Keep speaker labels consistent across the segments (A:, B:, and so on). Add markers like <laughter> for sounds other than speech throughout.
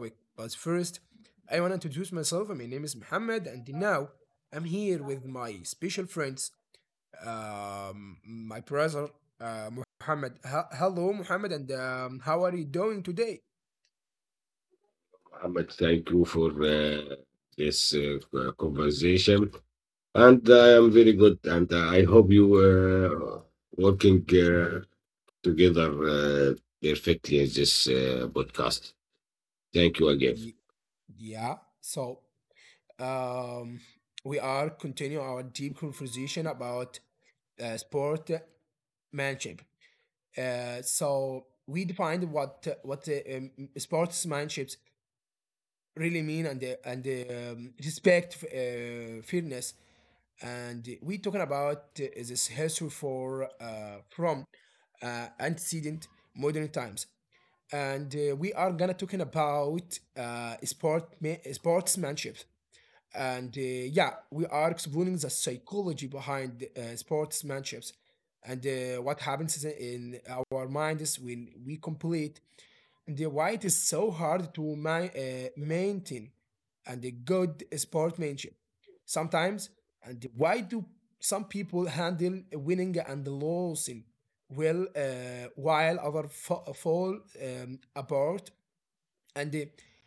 A: Topic. But first, I wanna introduce myself. My name is Muhammad and now I'm here with my special friends, my brother Muhammad. Hello Muhammad and how are you doing today?
B: Mohammed, thank you for uh, this conversation. And I am very good. And I hope you working together uh, perfectly in this podcast. Thank you again.
A: Ye- yeah. So um, we are continuing our deep conversation about sport manship. So we defined what sportsmanship really mean and the respect, fairness and we talking about this history for from antecedent modern times and we are gonna talking about sport sportsmanship and yeah we are exploring the psychology behind sportsmanships and what happens in our minds when we complete and why it is so hard to maintain and a good sportsmanship sometimes and why do some people handle winning and losing well while other fall apart and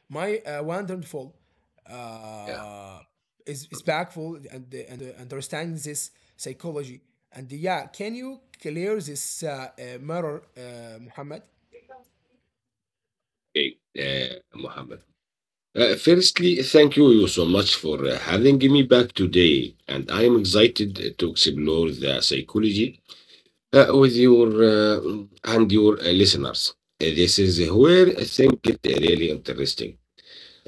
A: my wonderful
B: Yeah.
A: uh, is backful and understands this psychology. And yeah, can you clear this mirror, Muhammad?
B: Okay. Mohammed. Firstly, thank you so much for having me back today. And I am excited to explore the psychology with your and your listeners. This is where things get really interesting.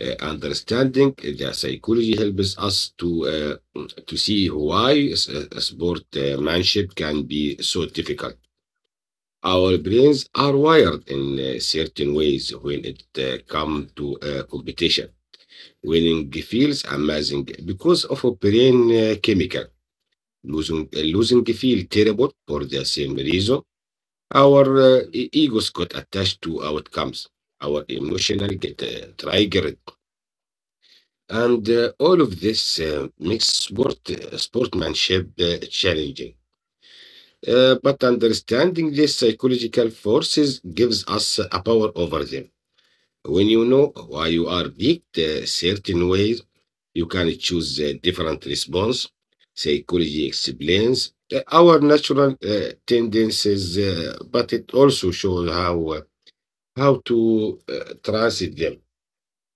B: Understanding the psychology helps us uh, to see why sportsmanship can be so difficult. Our brains are wired in certain ways when it comes to competition. Winning feels amazing because of a brain chemical. Losing, losing feel terrible for the same reason our egos got attached to outcomes, our emotional get triggered, and all of this makes sportsmanship challenging. But understanding these psychological forces gives us a power over them. When you know why you are picked certain ways, you can choose a different response. Psychology explains our natural tendencies, but it also shows how to transit them.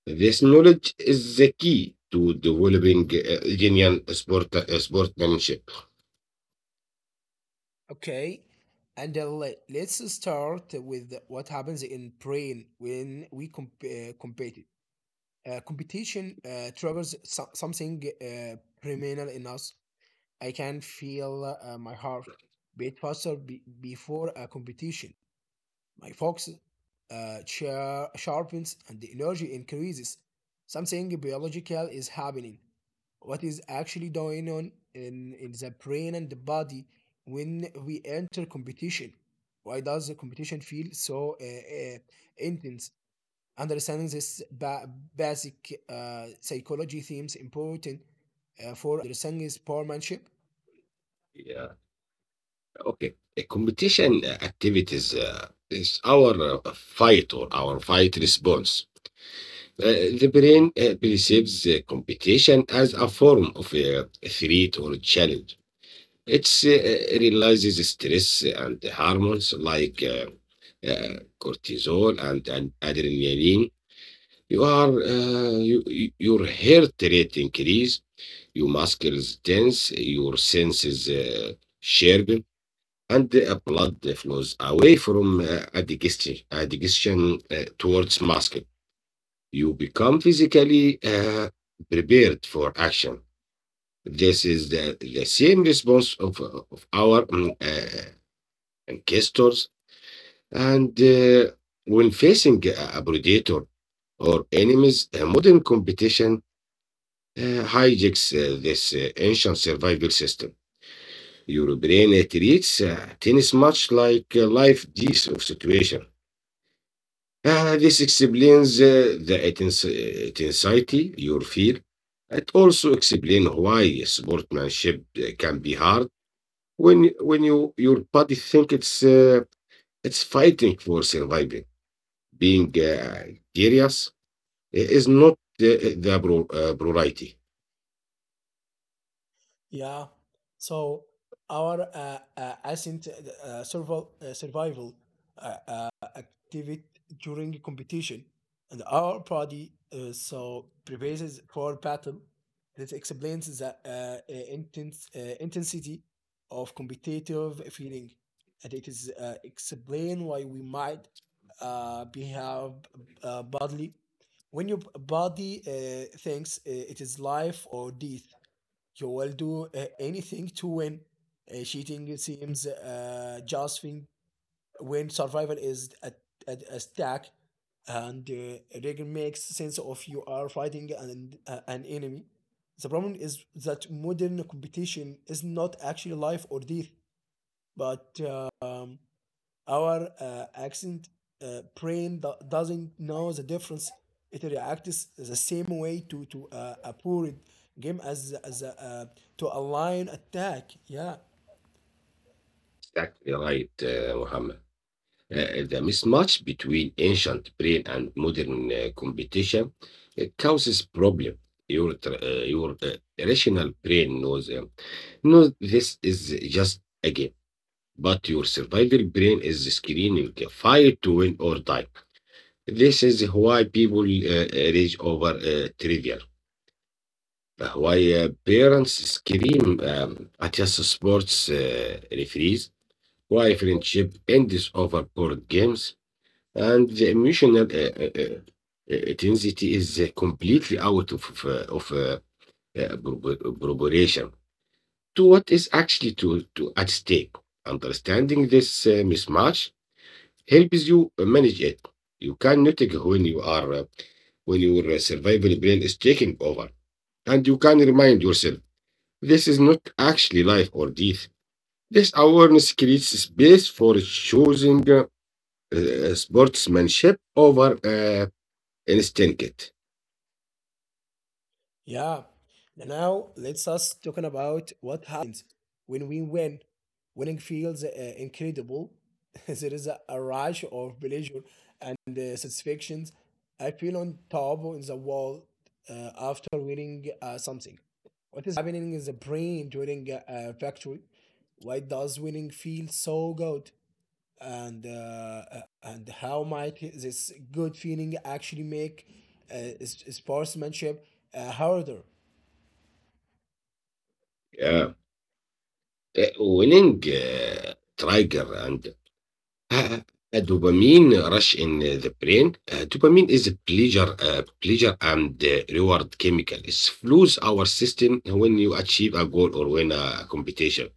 B: This knowledge is the key to developing genuine sportsmanship.
A: Okay, and let's start with what happens in brain when we compete. Competition triggers something criminal in us. I can feel my heart beat faster before a competition. My fox uh, sharpens and the energy increases. Something biological is happening. What is actually going on in, the brain and the body when we enter competition? Why does the competition feel so intense? Understanding this basic psychology themes important for understanding sportsmanship.
B: Yeah. Okay. Competition activities is our fight or our fight response. The brain perceives competition as a form of a threat or challenge. It realizes stress and hormones like cortisol and adrenaline. You, your heart rate increase, your muscles tense, your senses sharpen, and the blood flows away from digestion towards muscle. You become physically prepared for action. This is the same response of our ancestors. And when facing a predator or enemies, modern competition hijacks this ancient survival system. Your brain treats tennis much like a life death of situation. This explains intensity you feel. It also explains why sportsmanship can be hard when you your body think it's fighting for surviving. Being curious is not priority.
A: Yeah. So our ascent survival activity during competition, and our body so prepares for battle. This explains the intense intensity of competitive feeling, and it is explain why we might behave badly when your body thinks it is life or death you will do anything to win. Cheating seems justifying when survival is at, a stack, and rigor makes sense of you are fighting an enemy. The problem is that modern competition is not actually life or death, but our accent brain doesn't know the difference. It reacts the same way to a poor game as a, to a lion attack. Yeah,
B: Exactly right, Muhammad. The mismatch between ancient brain and modern computation causes problem. Your rational brain knows knows this is just a game, but your survival brain is screaming fight to win or die. This is why people rage over trivial. Why parents scream at just sports referees. Why friendship ends over board games. And the emotional intensity is completely out of proportion to what is actually to at stake. Understanding this mismatch helps you manage it. You can notice when you are when your survival brain is taking over, and you can remind yourself this is not actually life or death. This awareness creates space for choosing sportsmanship over انستنكت.
A: Yeah. And Now let's us talking about what happens when we win. Winning feels incredible. <laughs> there is a, rush of pleasure and satisfactions. I feel on top in the world after winning something. What is happening in the brain during a, victory? Why does winning feel so good? And uh, and how might this good feeling actually make sportsmanship harder?
B: Yeah. Winning trigger and uh, a dopamine rush in the brain. Dopamine is a pleasure, pleasure and reward chemical. It flows our system when you achieve a goal or win a competition.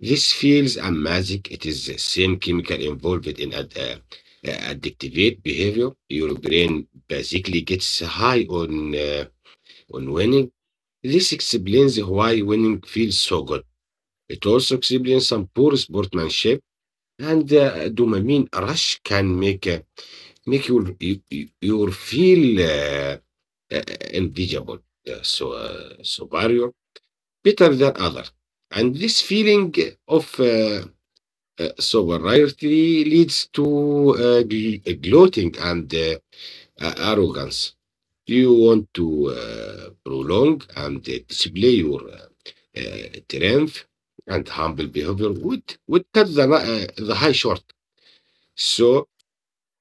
B: This feels amazing. It is the same chemical involved in addictive behavior. Your brain basically gets high on winning. This explains why winning feels so good. It also explains some poor sportsmanship and the dopamine rush can make you feel uh, invisible, so superior, better than other. And this feeling of superiority leads to gloating and arrogance. You want to prolong and display your triumph and humble behavior would cut the high short. So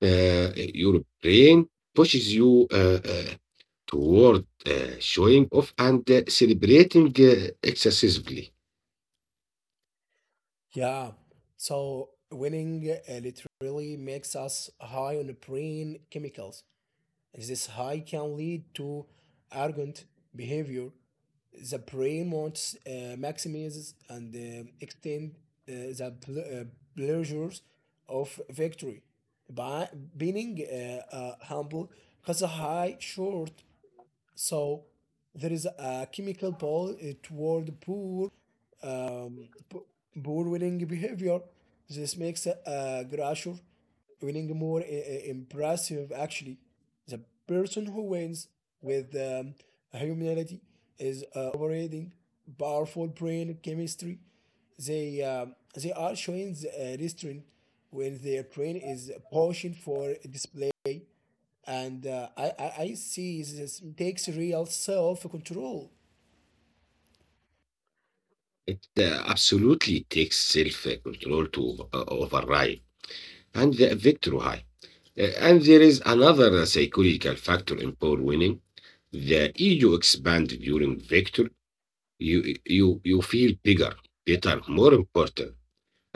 B: your brain pushes you toward showing off and celebrating excessively.
A: Yeah. So winning literally makes us high on brain chemicals. This high can lead to arrogant behavior. The brain wants maximizes and extend the pleasures of victory. By being humble, has a high short so there is a chemical pull toward poor, um, p- poor winning behavior. This makes Grasher winning more impressive, actually. The person who wins with humility is overrating powerful brain chemistry. They are showing the, restraint when their brain is pushing for display and I see this takes real self control.
B: It absolutely takes self control to override and the victory high. And there is another psychological factor in power winning. The ego expands during victory. You feel bigger, better, more important.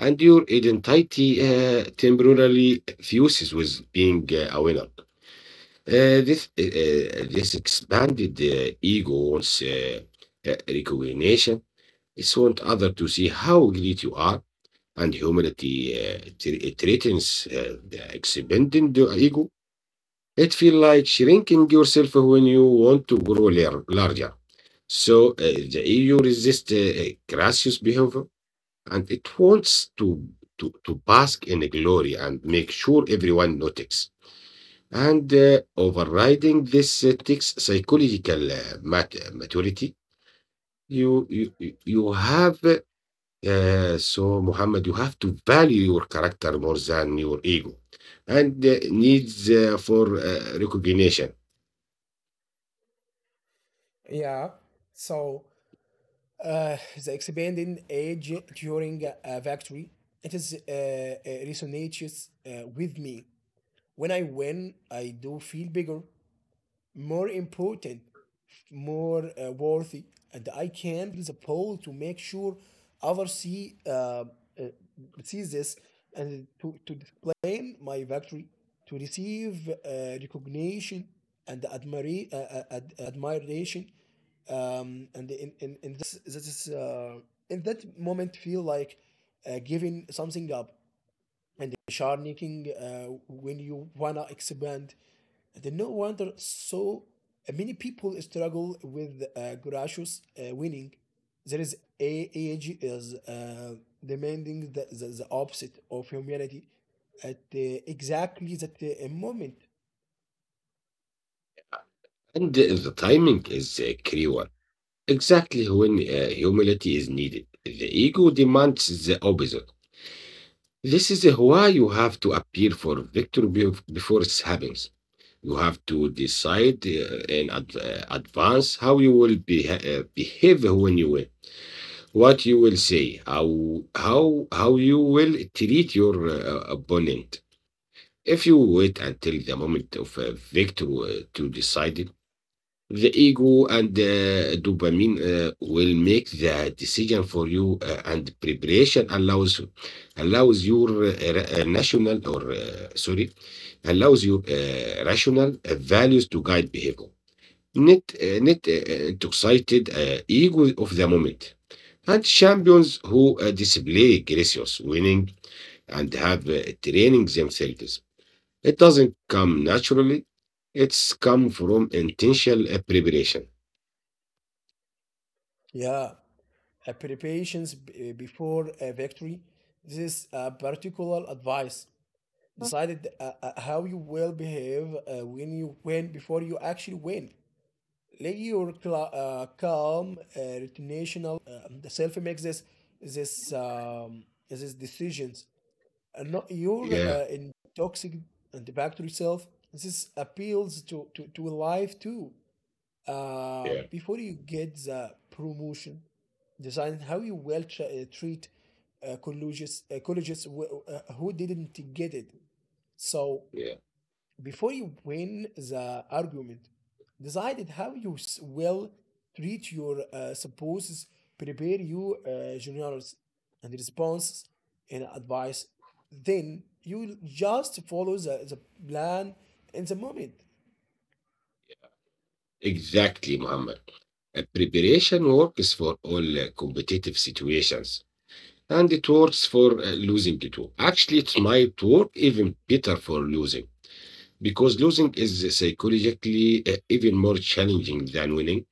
B: And your identity temporarily fuses with being a winner. This expanded ego wants recognition. It wants others to see how great you are, and humility it threatens the expanding the ego. It feels like shrinking yourself when you want to grow larger. So the ego resists gracious behavior and it wants to bask in glory and make sure everyone notices. And overriding this takes psychological maturity. You have, so Muhammad, you have to value your character more than your ego and needs for recognition.
A: Yeah. So uh, the expanding age during a victory, it is resonates with me. When I win, I do feel bigger, more important, more worthy, and I can the pull to make sure others see see this and to, display my victory, to receive recognition and admiration, and in, that's that is in that moment feel like giving something up and sharpening when you wanna expand then no wonder so many people struggle with Gracious winning. There is a age is demanding the, opposite of humanity at exactly that moment.
B: And the timing is cruel. Exactly when humility is needed. The ego demands the opposite. This is why you have to appeal for victory before it happens. You have to decide in advance how you will behave when you win, what you will say, how you will treat your opponent. If you wait until the moment of victory to decide the ego and dopamine will make the decision for you, and preparation allows your national or sorry allows your rational values to guide behavior. Not not intoxicated ego of the moment. And champions who display gracious winning and have training themselves. It doesn't come naturally. It's come from intentional preparation.
A: Yeah, preparations before a victory. This particular advice decided how you will behave when you win before you actually win. Let your calm retentional self makes this this decisions and not your
B: Yeah.
A: intoxic antibacterial self this appeals to to life too
B: Yeah,
A: before you get the promotion design how you will treat colleges who didn't get it so
B: yeah,
A: before you win the argument, decided how you will treat your supposes, prepare you generals and responses and advice. Then you just follow the, plan in the moment.
B: exactly, Muhammad. Preparation works for all competitive situations, and it works for losing too. Actually, it might work even better for losing because losing is psychologically even more challenging than winning,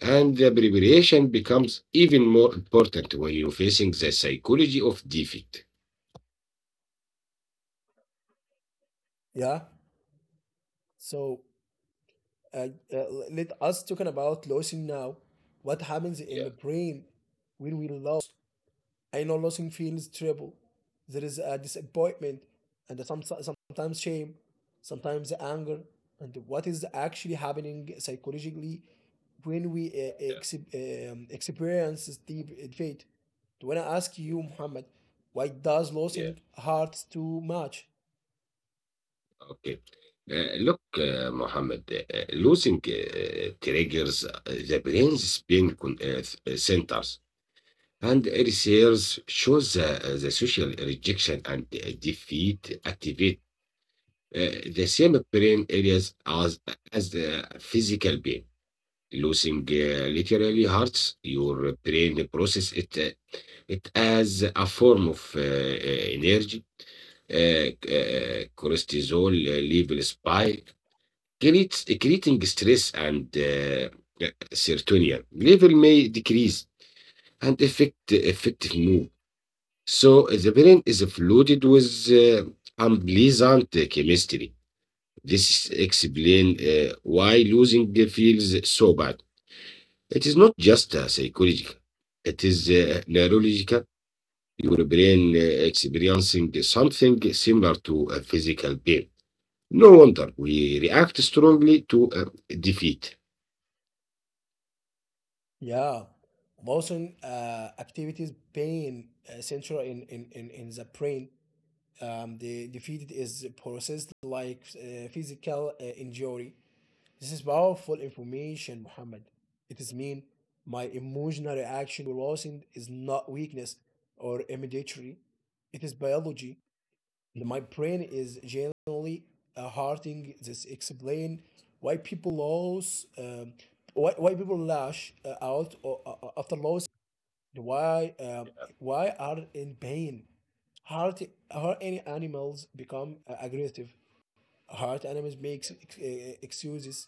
B: and the preparation becomes even more important when you're facing the psychology of defeat.
A: Yeah. So uh, uh, let us talking about losing now. What happens in
B: Yeah,
A: the brain when we lose? I know losing feels terrible. There is a disappointment and some, sometimes shame, sometimes anger, and what is actually happening psychologically when we
B: yeah,
A: experience the defeat. Do I ask
B: yeah.
A: you, Muhammad, why does
B: yeah.
A: losing hurt too much?
B: Okay. Look, Mohammed, losing triggers the brain's pain centers, and research shows the social rejection and defeat activate uh, the same brain areas as the physical pain. Losing literally hurts your brain process it, it as a form of energy. Cortisol levels spike creates creating stress and serotonin level may decrease and affect mood. So the brain is flooded with uh, unpleasant chemistry. This explain why losing feels so bad. It is not just psychological; it is neurological. Your brain experiencing something similar to a physical pain. No wonder we react strongly to defeat.
A: Yeah, motion activities pain central in, the brain. The defeat is processed like physical injury. This is powerful information, Muhammad. It is mean my emotional reaction losing is not weakness or immediately. It is biology. My brain is generally hurting. This explain why people lose, why people lash out after losing. Why um, why are in pain? Heart, heart any animals become aggressive. Heart animals make excuses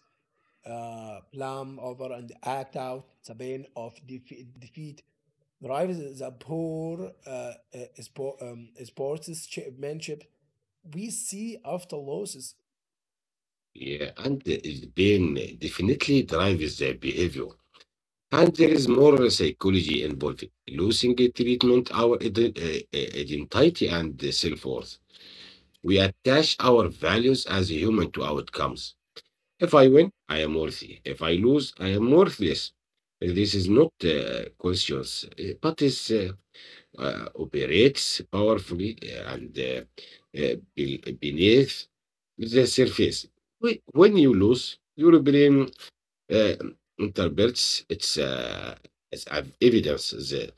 A: plum over and act out the pain of defeat. Drives the poor sportsmanship we see after losses.
B: Yeah, and it's been definitely drives the behavior. And there is more psychology involved. Losing a treatment, our identity and self-worth. We attach our values as a human to outcomes. If I win, I am worthy. If I lose, I am worthless. This is not conscious, but it's operates powerfully and beneath the surface. When you lose, your brain uh, interprets its as evidence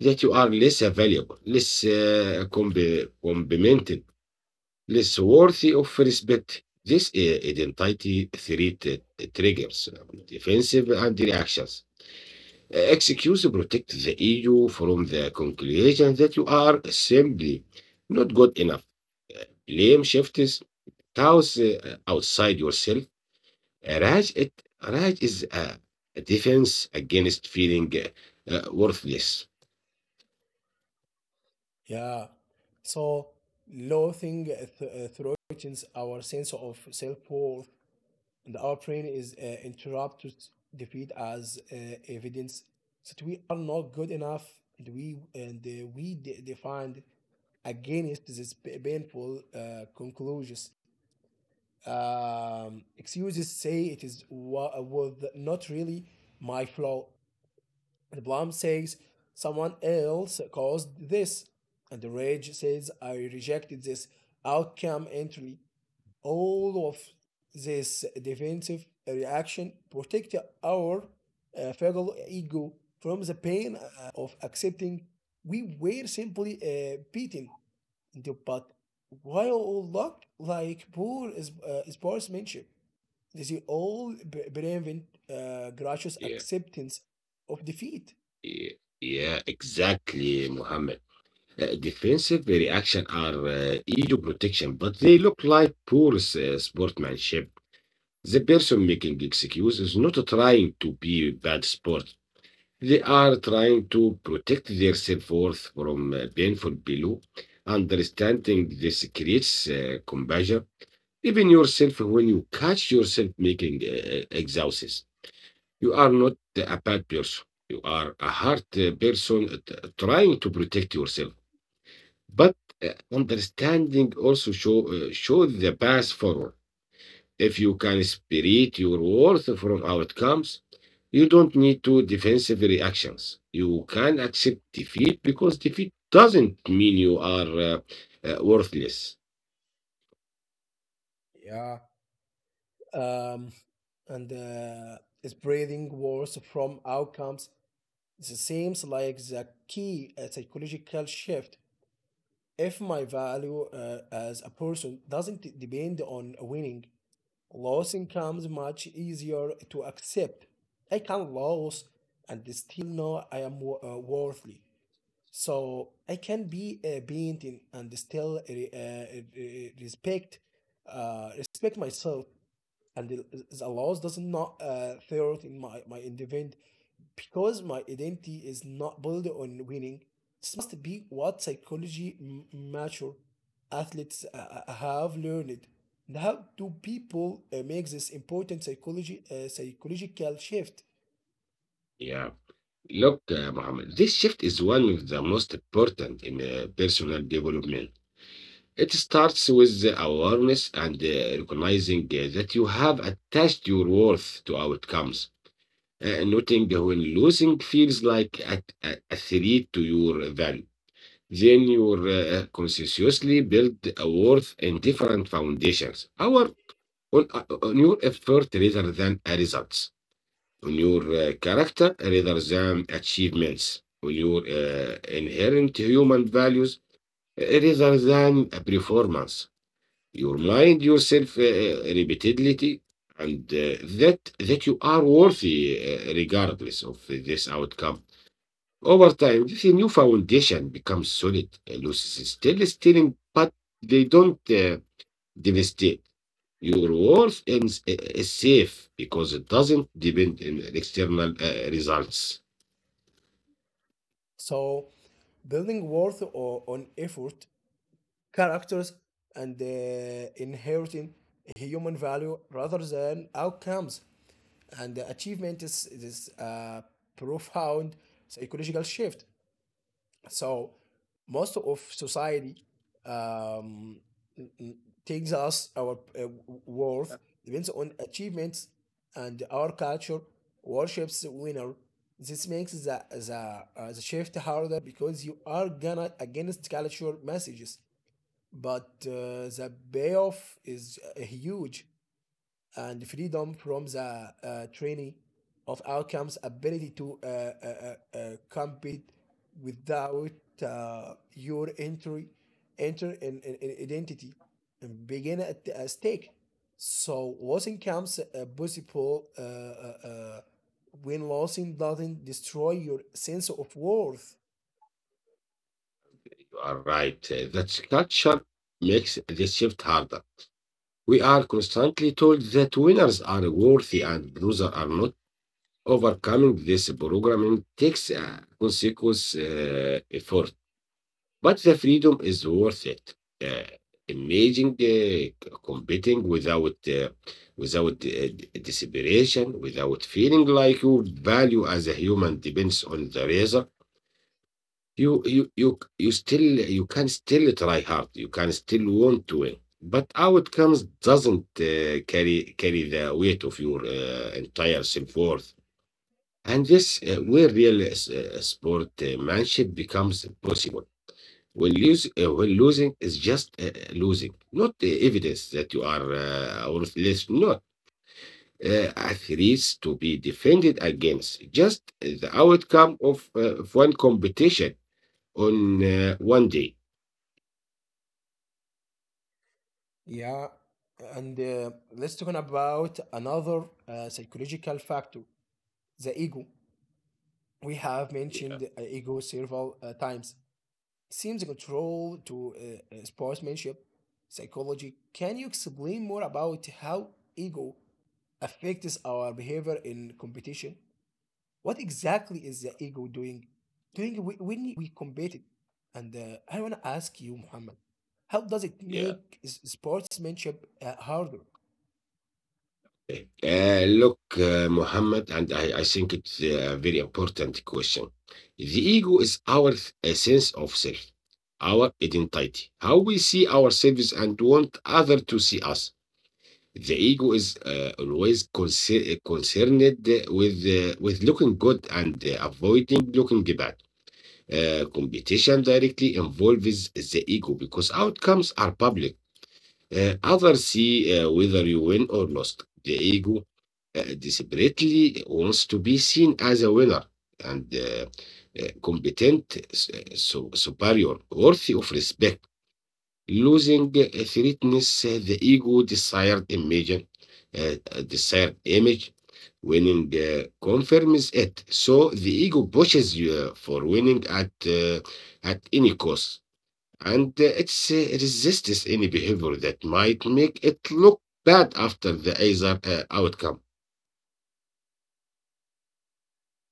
B: that you are less valuable, less complimented, less worthy of respect. This identity threat triggers defensive and reactions. Excuse protect the ego from the conclusion that you are simply not good enough. Blame shifts thoughts outside yourself. Rage, rage is a defense against feeling worthless.
A: Yeah. So loathing threatens our sense of self worth, and our brain is interrupt defeat as evidence that we not good enough and we defined against this painful conclusions, excuses say it is was not really my flaw, the blame says someone else caused this and the rage says I rejected this outcome entirely. All of this defensive reaction protect our fragile ego from the pain of accepting we were simply beaten. But while all looked like poor sportsmanship, they all prevent gracious
B: Yeah,
A: acceptance of defeat.
B: yeah, yeah, exactly, Muhammad. Defensive reaction are ego protection, but they look like poor sportsmanship. The person making excuses not trying to be bad sport. They are trying to protect their self-worth from painful below. Understanding this creates compassion. Even yourself, when you catch yourself making excuses, you are not a bad person. You are a hard person trying to protect yourself. But understanding also show the path forward. If you can separate your worth from outcomes, you don't need to defensive reactions. You can accept defeat because defeat doesn't mean you are worthless.
A: Yeah. um, and spreading wars from outcomes. This seems like the key psychological shift. If my value as a person doesn't depend on winning, losing comes much easier to accept. I can lose and still know I am worthy. So I can be a being and still respect respect myself and the, laws does not thwart in my my independent because my identity is not built on winning. This must be what psychology mature athletes have learned. And how do people make this important psychology psychological shift?
B: Yeah. Look, Mohammed, this shift is one of the most important in personal development. It starts with the awareness and recognizing that you have attached your worth to outcomes. Noting when losing feels like a threat to your value. Then you consciously build a worth in different foundations. Our on your effort rather than a results. On your character rather than achievements. On your inherent human values rather than a performance. Your mind, yourself, repeatedly, and that you are worthy regardless of this outcome. Over time, this new foundation becomes solid. Losses is still stealing, but they don't devastate. Your worth is safe because it doesn't depend on external results.
A: So, building worth on effort characters and inheriting human value rather than outcomes. And the achievement is, this a profound psychological shift. So, most of society um, n- n- takes us our worth depends on achievements, and our culture worships winner. This makes the shift harder because you are gonna against culture messages but the payoff is huge and freedom from the training of outcomes ability to compete it without your entry enter in, identity and begin at a stake so losing comes possible when losing doesn't destroy your sense of worth.
B: You are right. That culture makes the shift harder. We are constantly told that winners are worthy and losers are not. Overcoming this programming takes consequence effort. But the freedom is worth it. Uh, imagine competing without desperation, without feeling like your value as a human depends on the razor. You still you can still try hard. You can still want to win, but outcomes doesn't carry the weight of your entire self worth. And this where real sportmanship becomes possible. When losing is just losing, not the evidence that you are worthless, not a threats to be defended against, just the outcome of one competition on one day.
A: Yeah, and let's talk about another psychological factor, the ego. We have
B: Yeah,
A: mentioned ego several times. Seems control to sportsmanship psychology. Can you explain more about how ego affects our behavior in competition? What exactly is the ego doing? Doing when we compete? And I want to ask you, Muhammad, how does it
B: yeah.
A: make sportsmanship harder?
B: Look, Muhammad, and I, think it's a very important question. The ego is our sense of self, our identity, how we see ourselves and want others to see us. The ego is always concerned with looking good and avoiding looking bad. Competition directly involves the ego because outcomes are public. Others see whether you win or lost. The ego desperately wants to be seen as a winner and competent, so superior, worthy of respect. Losing threatens the ego desired image. Winning confirms it. So the ego pushes you for winning at any cost, and it resists any behavior that might make it look bad after the either outcome.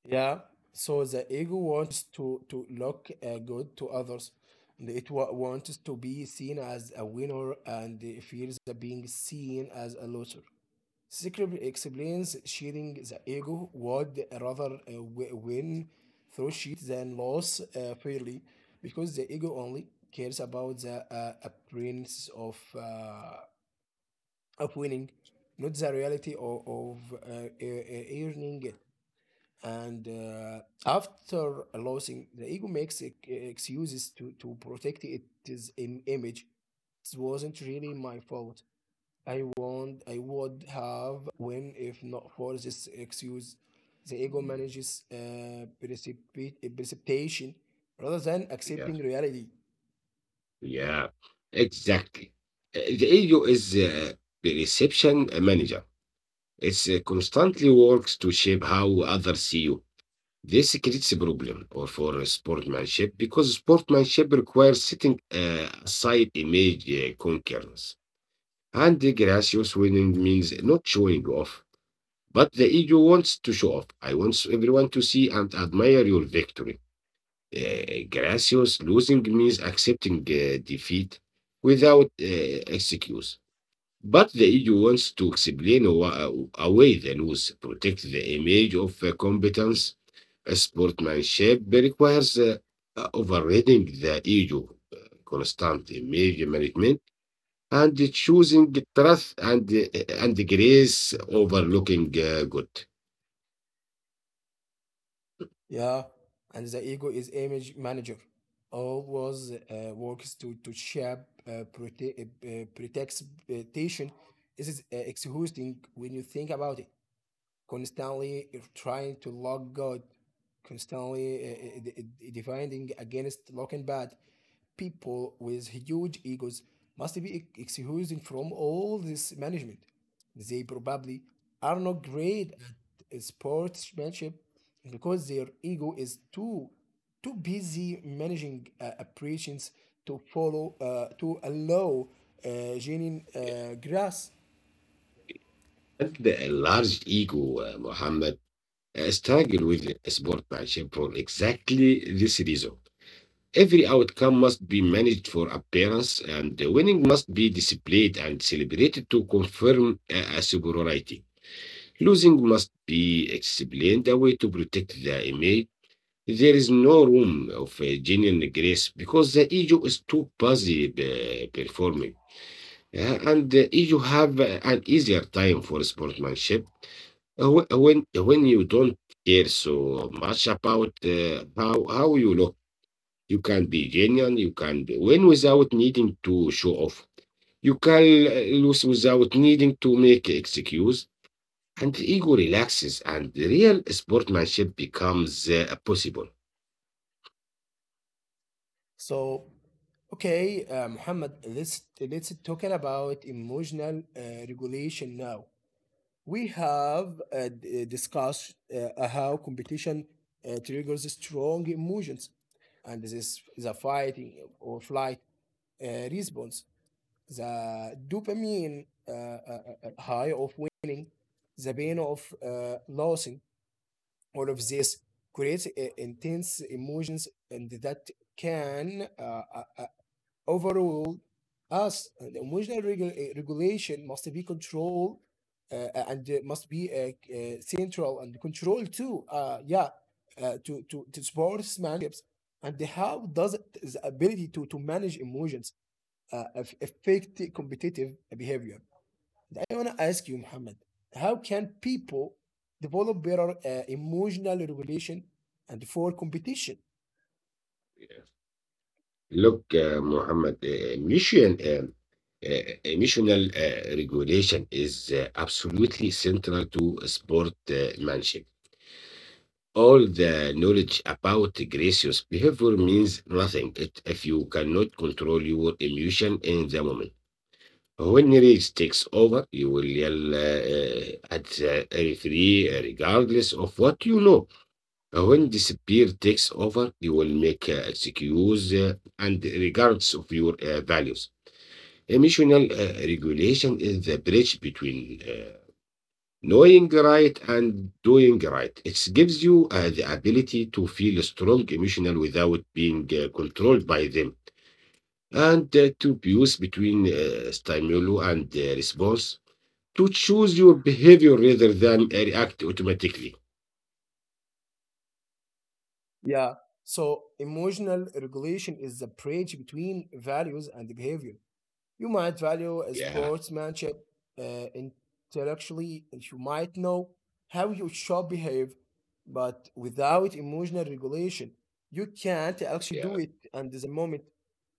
A: Yeah. So the ego wants to look good to others, and it wants to be seen as a winner and fears of being seen as a loser. Secret explains shedding the ego would rather win through cheat than loss fairly, because the ego only cares about the appearance of winning, not the reality of, earning it. And after losing, the ego makes excuses to, protect its image. It wasn't really my fault. I won't, I would have win if not for this excuse. The ego manages precipitation rather than
B: Yeah,
A: accepting reality.
B: yeah, exactly. The ego is the reception manager. It constantly works to shape how others see you. This creates a problem or for sportsmanship because sportsmanship requires setting aside image concerns. And the gracious winning means not showing off. But the ego wants to show off. I want everyone to see and admire your victory. Gracious losing means accepting defeat without excuse. But the EU wants to explain a way the laws protect the image of competence. Sportsmanship requires overriding the EU uh, constant image management and choosing truth and grace over looking good.
A: Yeah, and the ego is image manager. Always works to shape uh, prote- protects expectation. This is exhausting when you think about it, constantly trying to lock good, constantly defending against locking bad. People with huge egos must be excused from all this management. They probably are not great at sportsmanship because their ego is too busy managing operations to follow to allow genuine grass.
B: And the large ego, Muhammad, struggle with sportsmanship for exactly this reason. Every outcome must be managed for appearance, and the winning must be displayed and celebrated to confirm a superiority. Losing must be explained away to protect the image. There is no room of genuine grace because the ego is too busy performing. And the ego have an easier time for sportsmanship when you don't care so much about how you look. You can be genuine. You can be win without needing to show off. You can lose without needing to make excuse. And the ego relaxes, and the real sportsmanship becomes possible.
A: So, okay, Muhammad, let's talking about emotional regulation now. We have discussed how competition triggers strong emotions, and this is the fighting or flight response, the dopamine high of winning, the pain of losing. All of this creates intense emotions, and that can uh, overall us, and the emotional regulation must be controlled and must be central and controlled too, yeah, to sportsmanships. And how does it, the ability to manage emotions affect the competitive behavior? And I want to ask you, Muhammad, how can people develop better emotional regulation and for competition?
B: Look, Muhammad, emotional regulation is absolutely central to sportsmanship. All the knowledge about gracious behavior means nothing if you cannot control your emotion in the moment. When rage takes over, you will yell at the referee regardless of what you know. When disappear takes over, you will make excuses and regards of your values. Emotional regulation is the bridge between knowing right and doing right. It gives you the ability to feel strong emotional without being controlled by them, and to choose between stimulus and response to choose your behavior rather than react automatically.
A: Yeah. So emotional regulation is the bridge between values and behavior. You might value a
B: Yeah,
A: sportsmanship uh, intellectually, and you might know how you should behave, but without emotional regulation, you can't actually
B: yeah,
A: do it. And the moment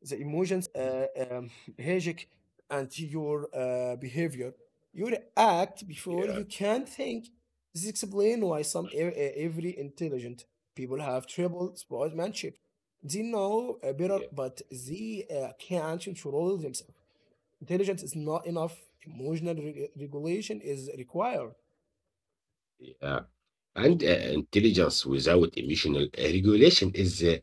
A: the emotions <laughs> hijack and your behavior, you act before
B: yeah,
A: you can think. This explains why some every intelligent people have trouble sportsmanship. They know better,
B: yeah,
A: but they can't control themselves. Intelligence is not enough. Emotional regulation is required.
B: yeah. And intelligence without emotional regulation is uh,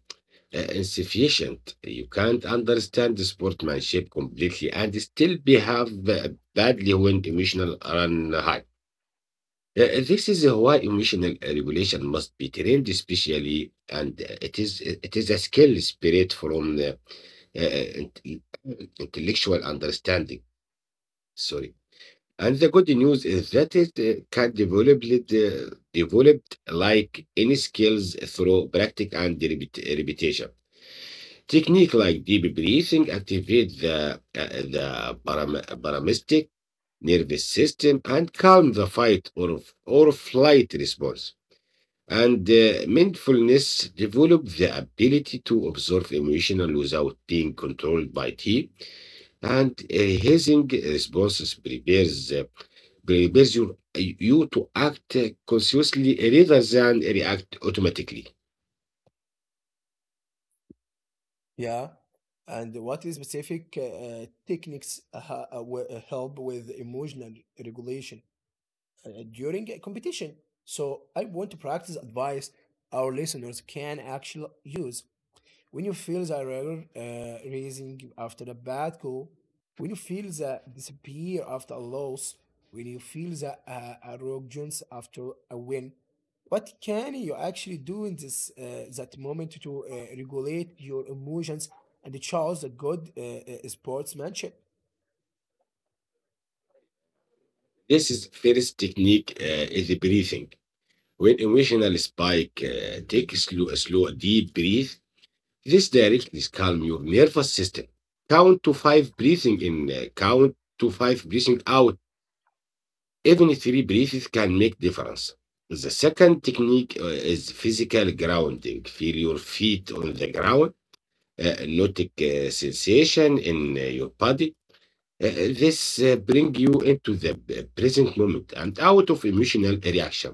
B: uh, insufficient. You can't understand the sportsmanship completely and still behave badly when emotional run high. This is why emotional regulation must be trained, especially, and it is a skill spirit from uh, int- uh, intellectual understanding. Sorry. And the good news is that it can develop it, developed like any skills through practice and repetition. Technique like deep breathing activate the the parasympathetic nervous system and calm the fight or flight response. And mindfulness develop the ability to observe emotional without being controlled by T. And hazing responses prepares your, you to act consciously rather than react automatically.
A: Yeah. And what is specific techniques will help with emotional regulation during a competition? So I want to practice advice our listeners can actually use. When you feel the anger rising after a bad call, when you feel the disappear after a loss, when you feel the arrogance after a win, what can you actually do in this that moment to regulate your emotions and choose a good sportsmanship?
B: This is first technique is the breathing. When emotional spike, take a slow, deep breath. This directly calms your nervous system. Count to five breathing in, count to five breathing out. Even three breathes can make difference. The second technique is physical grounding. Feel your feet on the ground. Note sensation in your body. This bring you into the present moment and out of emotional reaction.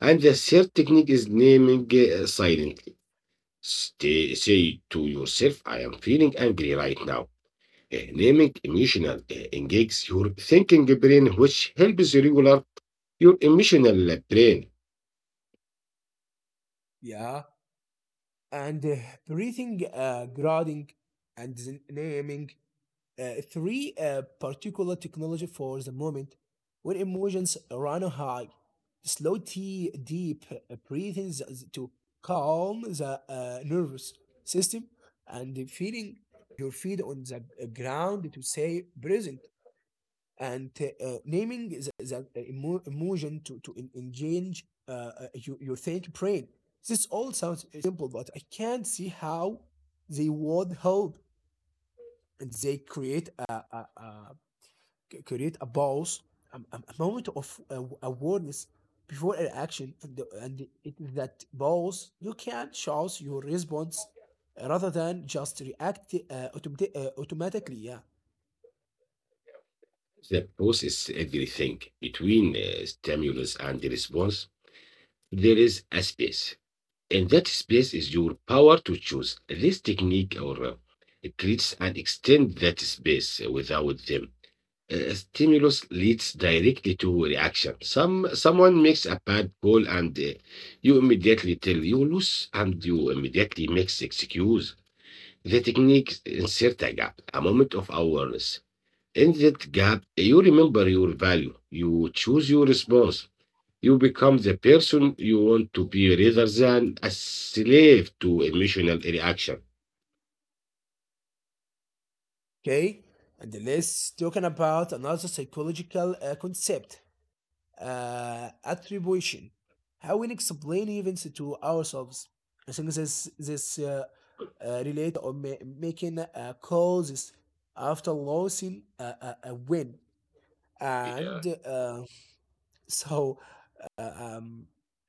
B: And the third technique is naming silently. Stay, say to yourself, I am feeling angry right now. Naming emotional engages your thinking brain, which helps regulate your emotional brain.
A: Yeah. And breathing, grounding, and naming three particular technology for the moment when emotions run high. Slow tea deep breathing to calm the nervous system, and feeling your feet on the ground to say present, and naming the emotion to engage your think brain. This all sounds simple, but I can't see how they would help. And they create a create a pause, a moment of awareness before an action, and that pause you can choose your response rather than just react automatically. Yeah.
B: The process everything between stimulus and the response. There is a space. And that space is your power to choose. This technique or creates and extends that space without them. A stimulus leads directly to reaction. Someone makes a bad call and you immediately tell you lose and you immediately makes excuse. The technique insert a gap, a moment of awareness. In that gap, you remember your value. You choose your response. You become the person you want to be rather than a slave to emotional reaction.
A: Okay. And let's talking about another psychological concept, attribution, how we explain events to ourselves. I think this relatives or making causes after losing a win,
B: Yeah,
A: and <laughs> so uh, um,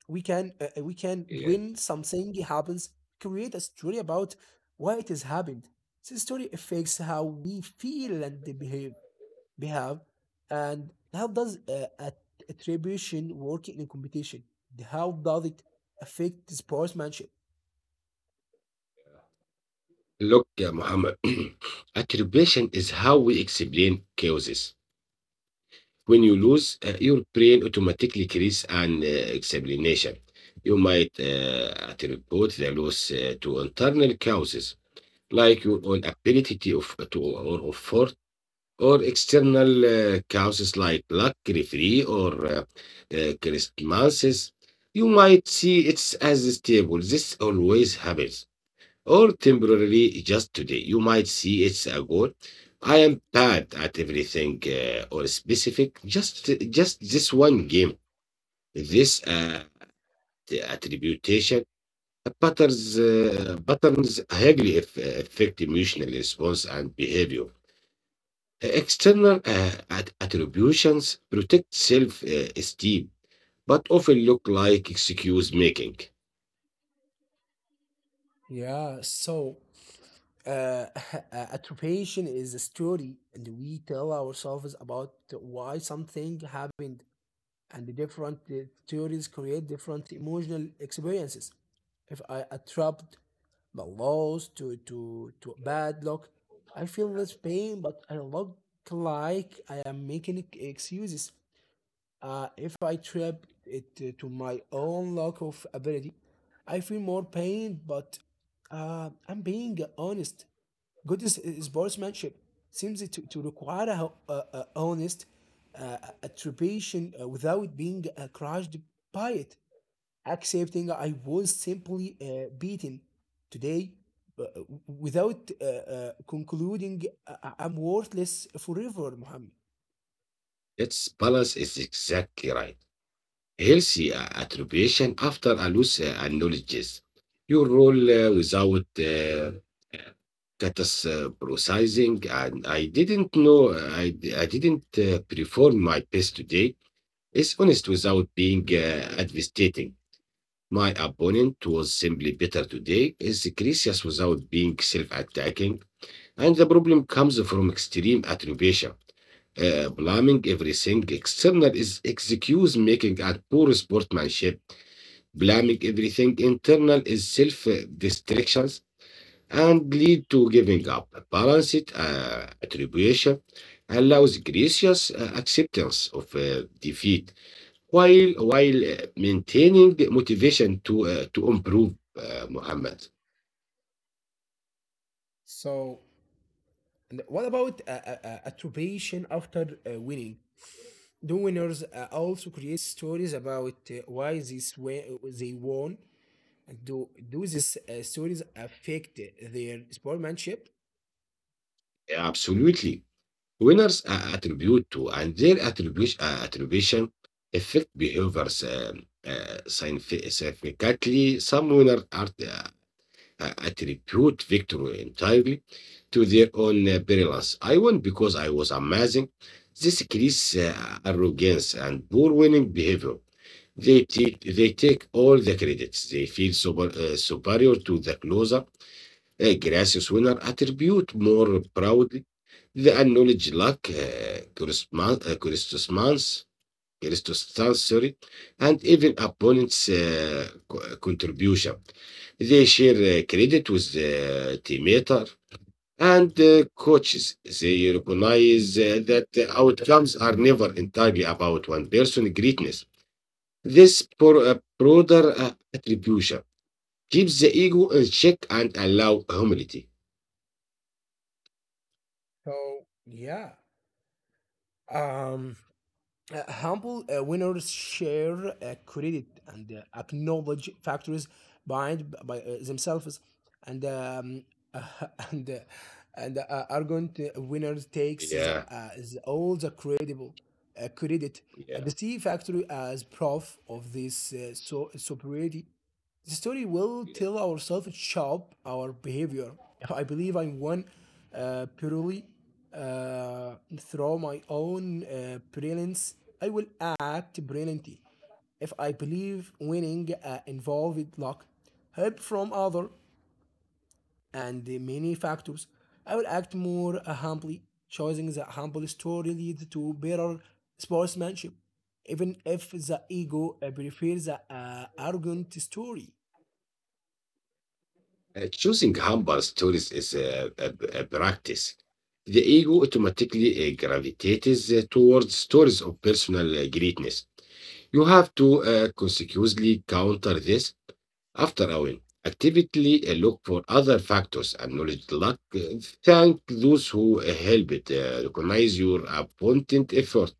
A: we can
B: yeah.
A: when something happens create a story about why it has happened. This story affects how we feel and behave. We have, and how does attribution work in competition? How does it affect sportsmanship?
B: Look, yeah, Muhammad, <clears throat> attribution is how we explain causes. When you lose, your brain automatically creates an explanation. You might attribute the loss to internal causes, like your own ability to or effort or external causes like luck, referee, or uh, circumstances. You might see it as stable. This always happens, or temporarily just today. You might see it's a goal. I am bad at everything or specific. Just this one game. This attribution patterns highly affect emotional response and behavior. External attributions protect self esteem, but often look like excuse making.
A: Yeah. So uh, <laughs> attribution is a story, and we tell ourselves about why something happened, and the different theories create different emotional experiences. If I attract the loss to bad luck, I feel less pain, but I look like I am making excuses. If I trap it to my own lack of ability, I feel more pain, but I'm being honest. Good sportsmanship seems to require a, a honest attribution without being crushed by it. Accepting I was simply beaten today without concluding I'm worthless forever, Muhammad.
B: Its balance is exactly right. Healthy attribution after a loss acknowledges your role without uh, catastrophizing. And I didn't know, I didn't perform my best today. It's honest without being devastating. My opponent was simply better today. Is gracious without being self-attacking, and the problem comes from extreme attribution. Blaming everything external is excuse making and poor sportsmanship. Blaming everything internal is self-destructions and lead to giving up. Balanced attribution allows gracious acceptance of defeat while maintaining motivation to improve, Muhammad.
A: So, and what about attribution after winning? The winners also create stories about why this way they won. Do do these stories affect their sportsmanship?
B: Absolutely. Winners attribute to, and their attribution affect behaviors significantly. Some winners are, attribute victory entirely to their own brilliance. I won because I was amazing. This creates arrogance and poor winning behavior. They take all the credits. They feel super, superior to the closer. A gracious winner attribute more proudly the acknowledged luck, circumstance, sorry, and even opponents' contribution. They share credit with the teammater and coaches. They recognize that the outcomes are never entirely about one person's greatness. This broader attribution keeps the ego in check and allow humility.
A: So yeah, um, humble winners share credit and acknowledge factors behind by themselves, and <laughs> and uh, and Argent winners takes
B: Yeah,
A: all the credible credit. And
B: yeah,
A: the Sea Factory as proof of this so superiority. The story will
B: yeah.
A: tell ourselves shape our behavior. I believe I'm one purely through my own brilliance. I will act brilliantly. If I believe winning involved luck, help from other, and the many factors, I will act more humbly. Choosing the humble story leads to better sportsmanship, even if the ego prefers the arrogant story.
B: Choosing humble stories is a practice. The ego automatically gravitates towards stories of personal greatness. You have to consequently counter this after all. Actively look for other factors, acknowledge luck, thank those who helped, recognize your abundant effort.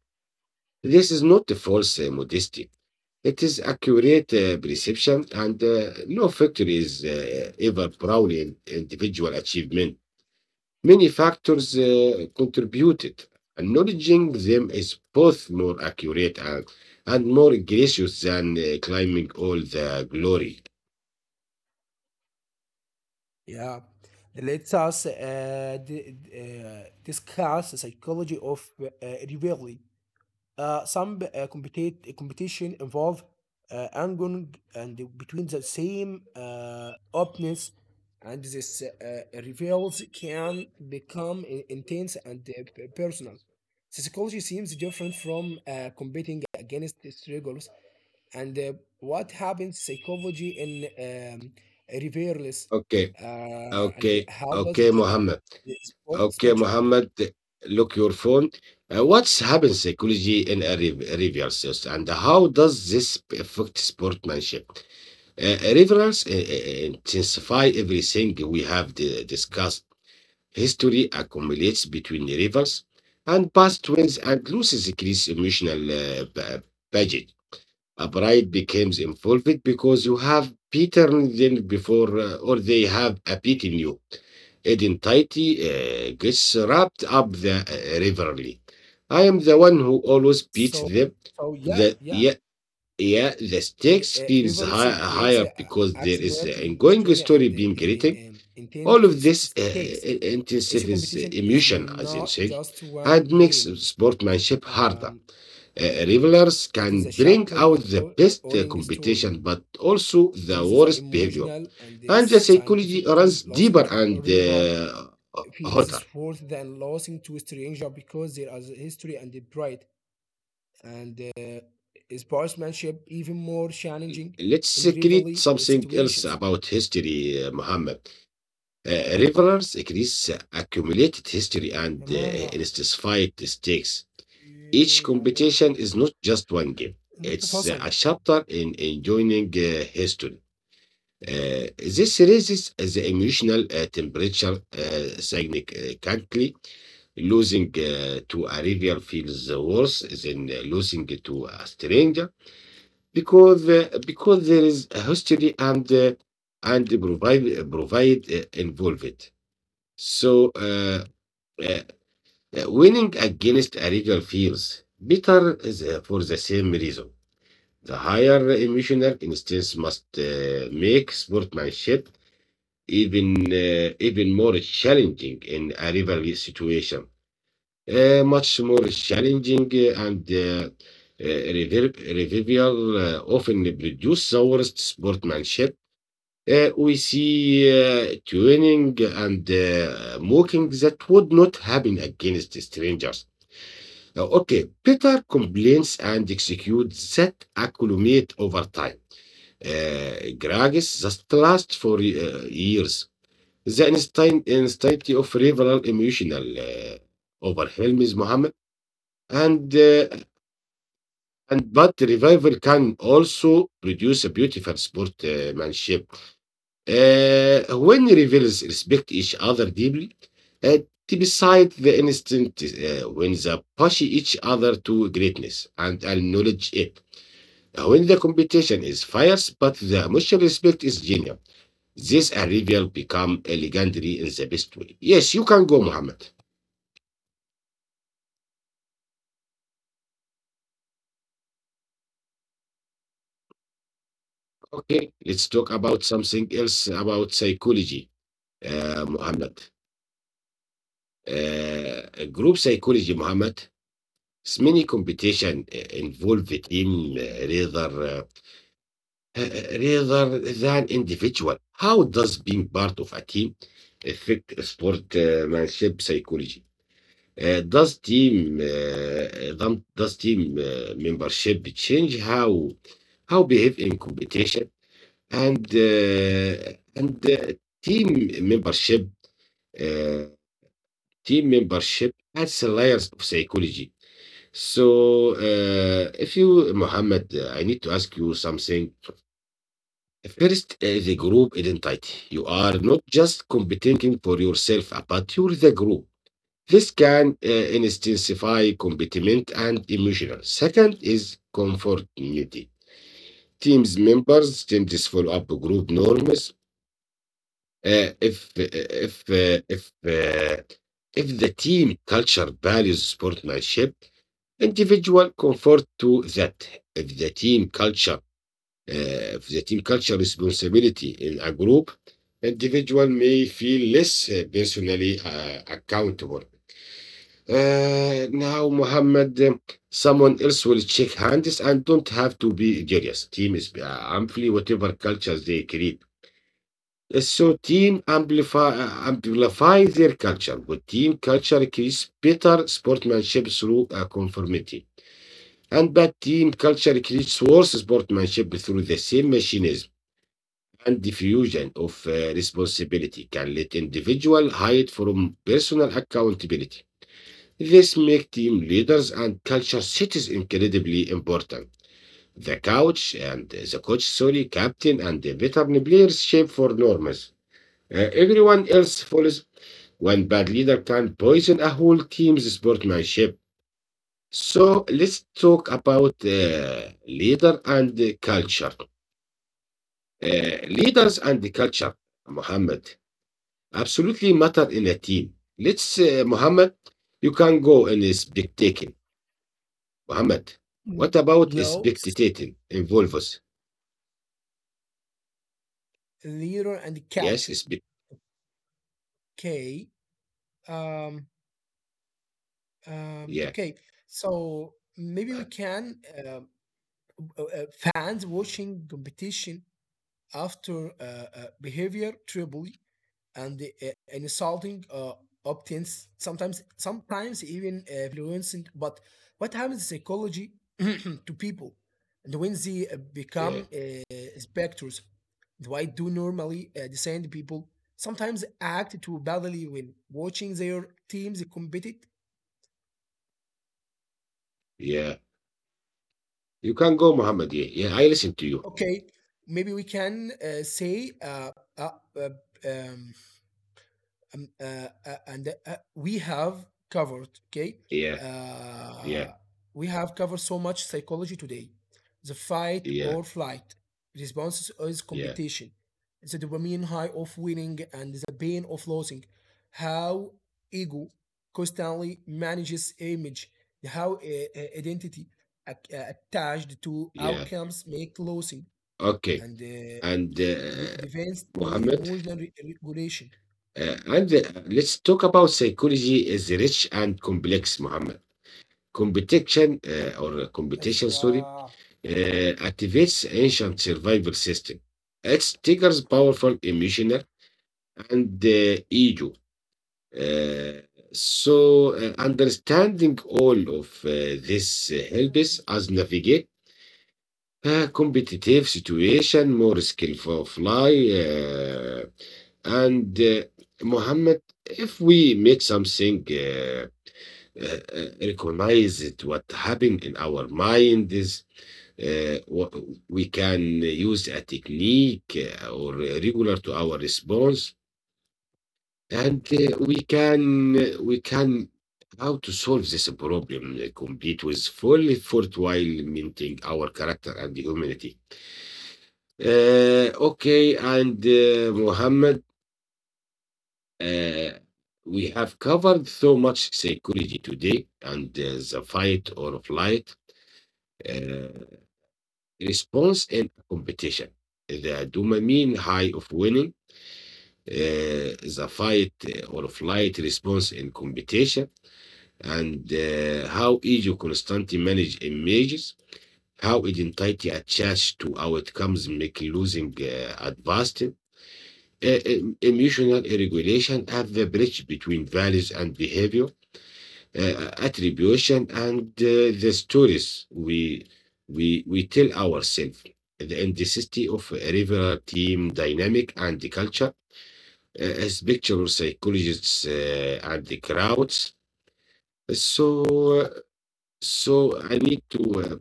B: This is not a false modesty. It is accurate perception, and no factory is ever proud in individual achievement. Many factors contributed. Acknowledging them is both more accurate and more gracious than claiming all the glory.
A: Yeah. Let us discuss the psychology of rivalry. Some competition involve angling and between the same opponents, and this reveals can become intense and personal. The psychology seems different from competing against the struggles, and what happens psychology in reverse,
B: Okay,
A: and
B: okay,
A: how does it
B: okay,
A: affect
B: Muhammad.
A: the
B: Okay,
A: sportsmanship?
B: Muhammad, look your phone. What's happened psychology in a reversals and how does this affect sportsmanship? Reversals intensify everything we have discussed. History accumulates between rivals, and past wins and losses creates emotional baggage. A bride becomes involved because you have beaten them before, or they have beaten you. Identity gets wrapped up the rivalry. I am the one who always beats
A: So,
B: them.
A: so yeah,
B: The
A: yeah.
B: yeah, yeah, the
A: And
B: stakes feels
A: reverse creates
B: higher
A: a
B: because there is an
A: axiomat in
B: ongoing
A: story,
B: story
A: and
B: being written.
A: intent
B: All of
A: first
B: this
A: stakes. Each
B: intensifies
A: competition is
B: emotion, as you
A: not
B: said,
A: just one
B: and makes
A: game.
B: sportsmanship harder.
A: Um,
B: Uh, Revelers
A: it is
B: can
A: a
B: bring
A: chapter
B: out
A: on
B: the
A: our
B: best
A: owning story.
B: competition, but also the
A: This is an
B: worst behavior.
A: emotional, and is
B: And the psychology
A: scientifically
B: runs
A: losing
B: deeper
A: to
B: and
A: a river
B: hotter.
A: feels worse than losing to a stranger, because there is a history and the pride, and is sportsmanship even more challenging
B: Let's
A: in
B: create
A: rivalry
B: something else
A: situations.
B: about history, Muhammad. Uh, Revelers increase accumulated history and
A: Mama.
B: intensified stakes. Each
A: إيه يعني
B: competition is not just one game,
A: النت
B: it's
A: فصل.
B: a chapter in enjoying history. This raises the emotional temperature significantly. Losing to a rival feels worse than losing to a stranger because because there is a history and provide provide involved. So uh, winning against a rival feels bitter is, for the same reason. The higher emissioner instance must make sportsmanship even even more challenging in a rivalry situation, much more challenging and revival often produce the worst sportsmanship. We see twinning and mocking that would not happen against strangers. Okay, Peter complains and executes that accumulate over time, Gragis just lasts for years. The intensity of revival emotional overwhelms Muhammad, and and but revival can also produce a beautiful sportsmanship when rivals respect each other deeply. Uh, Beside the instant when they push each other to greatness and acknowledge it. When the competition is fierce, but the mutual respect is genuine. This arrival become a legendary in the best way. Yes, you can go, Muhammad. Okay, let's talk about something else about psychology, Muhammad. Group psychology, Muhammad. It's many competition involve the team rather rather than individual. How does being part of a team affect sportmanship psychology? Does team does team membership change how behave in competition and team membership uh, team membership adds layers of psychology. So if you Mohammed, I need to ask you something. First, the group identity. You are not just competing for yourself, but you're the group. This can intensify commitment and emotional. Second is conformity. Teams members tend to follow up group norms. Uh, if uh, if uh, if uh, if the team culture values sportsmanship, individual comfort to that. If the team culture, if the team culture responsibility in a group, individual may feel less personally accountable. Now, Mohammed, someone else will shake hands and don't have to be jealous. Team is amplify whatever cultures they create. So team amplify amplify their culture. Good team culture creates better sportsmanship through conformity, and bad team culture creates worse sportsmanship through the same machinism. And diffusion of responsibility can let individual hide from personal accountability. This makes team leaders and culture cities incredibly important. The coach and the coach, sorry, captain and the veteran players shape for norms. Everyone else follows. One bad leader can poison a whole team's sportsmanship. So let's talk about leader and the culture. Leaders and the culture, Muhammad, absolutely matter in a team. Let's, Muhammad, you can go in this big Mohammed, what
A: Mm.
B: about
A: Laws,
B: spectating involves?
A: leader, and
B: Yes,
A: culture. Okay. Um,
B: yeah,
A: okay. So maybe we can um, fans watching competition after behavior trouble and and insulting obtains, sometimes even violence. But what happens to psychology <clears throat> to people, and when they
B: yeah,
A: become specters? Why do normally decent people sometimes act too badly when watching their teams compete?
B: yeah. You can go, Mohammed. Yeah, yeah. I listen to you.
A: Okay, maybe we can say uh, uh, um, and we have covered, okay,
B: Yeah, yeah,
A: uh, we have covered so much psychology today: the fight
B: yeah,
A: or flight responses is
B: yeah,
A: competition, the dopamine high of winning and the pain of losing, how ego constantly manages image, how identity attached to
B: yeah.
A: outcomes make losing,
B: Okay.
A: and
B: And
A: the defense
B: Mohammed,
A: emotional regulation,
B: and let's talk about psychology is rich and complex, Mohammed. Competition or competition,
A: Ezra.
B: sorry, activates ancient survival system. It triggers powerful emotional and ego. Uh, so, understanding all of this helps us navigate a competitive situation more skillful fly. And Mohammed, if we make something, recognize it, what happened in our mind is. Uh, wha- we can use a technique or regular to our response. And we can how to solve this problem complete with full effort while maintaining our character and humanity. Okay, and Muhammad, uh, we have covered so much psychology today and the fight or flight uh, response in competition, the dopamine high of winning, the fight or flight response in competition and how Egypt constantly manage images, how identity attached to outcomes make losing advanced emotional regulation at the bridge between values and behavior, attribution, and the stories we tell ourselves. The intensity of a rival team dynamic and the culture, as picture psychologists and the crowds. So I need to uh,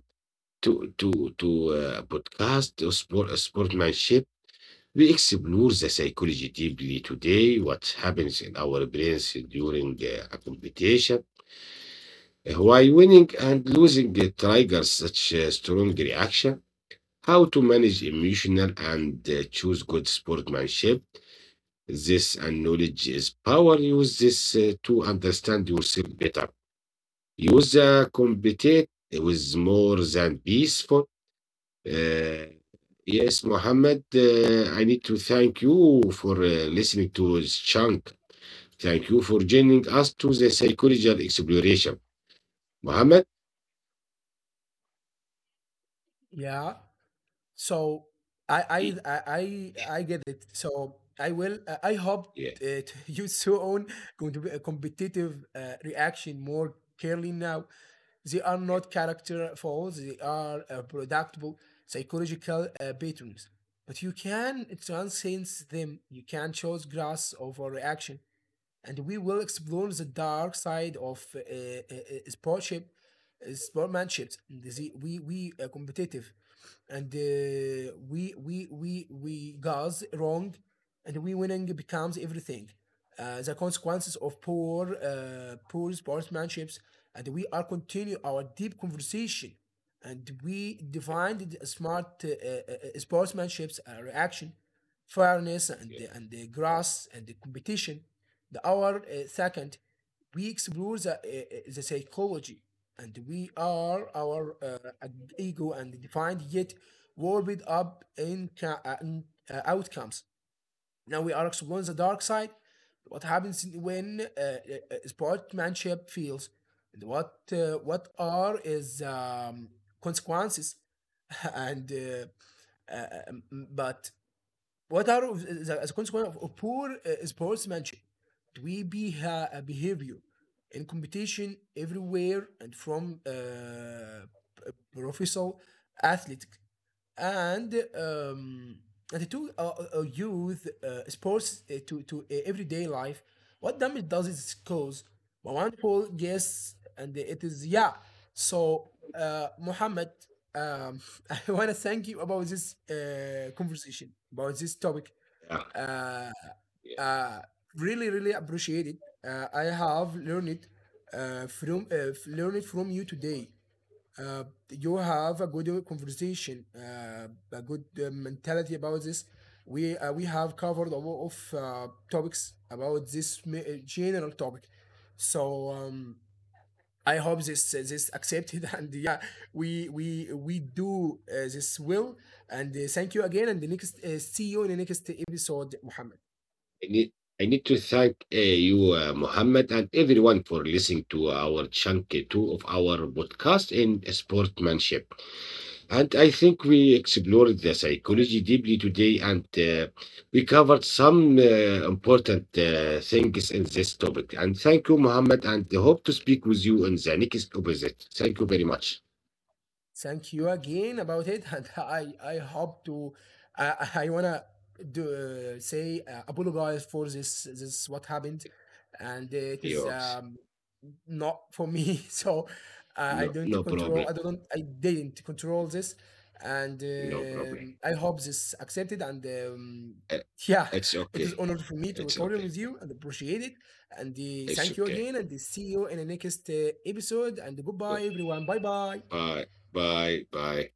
B: to to to uh, podcast or sport sportsmanship. We explore the psychology deeply today. What happens in our brains during a competition? Why winning and losing triggers such a strong reaction? How to manage emotional and choose good sportsmanship? This and knowledge is power. Use this to understand yourself better. Use the competitive it more than peaceful. Uh, yes, Mohammed, I need to thank you for listening to this chunk. Thank you for joining us to the psychological exploration. Mohammed,
A: Yeah. So I I
B: y-
A: I I I get it. So I will. I hope
B: yeah,
A: uh, <laughs> you soon going to be a competitive reaction more clearly now. They are not character flaws. They are predictable psychological patterns. But you can transcend them. You can choose grass over reaction, and we will explore the dark side of sportship, sportmanships. We are competitive, and we we we we guys wrong, and we winning becomes everything. The consequences of poor sportsmanships, and we are continue our deep conversation, and we defined the smart sportsmanships reaction, fairness, and the grass and the competition. The our second, we explore the the psychology, and we are our ego and defined yet warped up in outcomes. Now we are exploring the dark side: what happens when sportsmanship fails, and what are is consequences, <laughs> and uh, um, but what are the consequence of poor sportsmanship? Behavior in competition everywhere, and from professional athletics, and um, and to youth sports to everyday life. What damage does it cause? Wonderful guess, and it is, yeah. So, Muhammad, um, <laughs> I want to thank you about this conversation about this topic.
B: yeah,
A: Uh,
B: yeah.
A: uh, really, really appreciate it. I have learned it from learned from you today. uh, you have a good conversation, a good mentality about this. We have covered a lot of topics about this general topic, so I hope this this accepted. <laughs> And yeah, we do this will, and thank you again. And the next see you in the next episode, Muhammad.
B: I need, I need to thank you, Mohammed, and everyone for listening to our chunk two of our podcast in sportsmanship. And I think we explored the psychology deeply today and we covered some important things in this topic. And thank you, Mohammed, and hope to speak with you in the next opposite. Thank you very much.
A: Thank you again about it, <laughs> and I hope to I wanna do, say apologize for this what happened, and it is
B: Yes.
A: not for me. <laughs> So
B: No,
A: I don't
B: no
A: control.
B: problem.
A: I don't. I didn't control this, and
B: No problem.
A: I hope this accepted. And
B: Uh,
A: <laughs> yeah,
B: It's
A: it was
B: okay.
A: honor for me to
B: It's
A: record
B: okay.
A: with you and appreciate it. And
B: It's
A: thank you
B: okay.
A: again, and see you in the next episode. And
B: But
A: goodbye, everyone. Bye bye.
B: bye. Bye. Bye.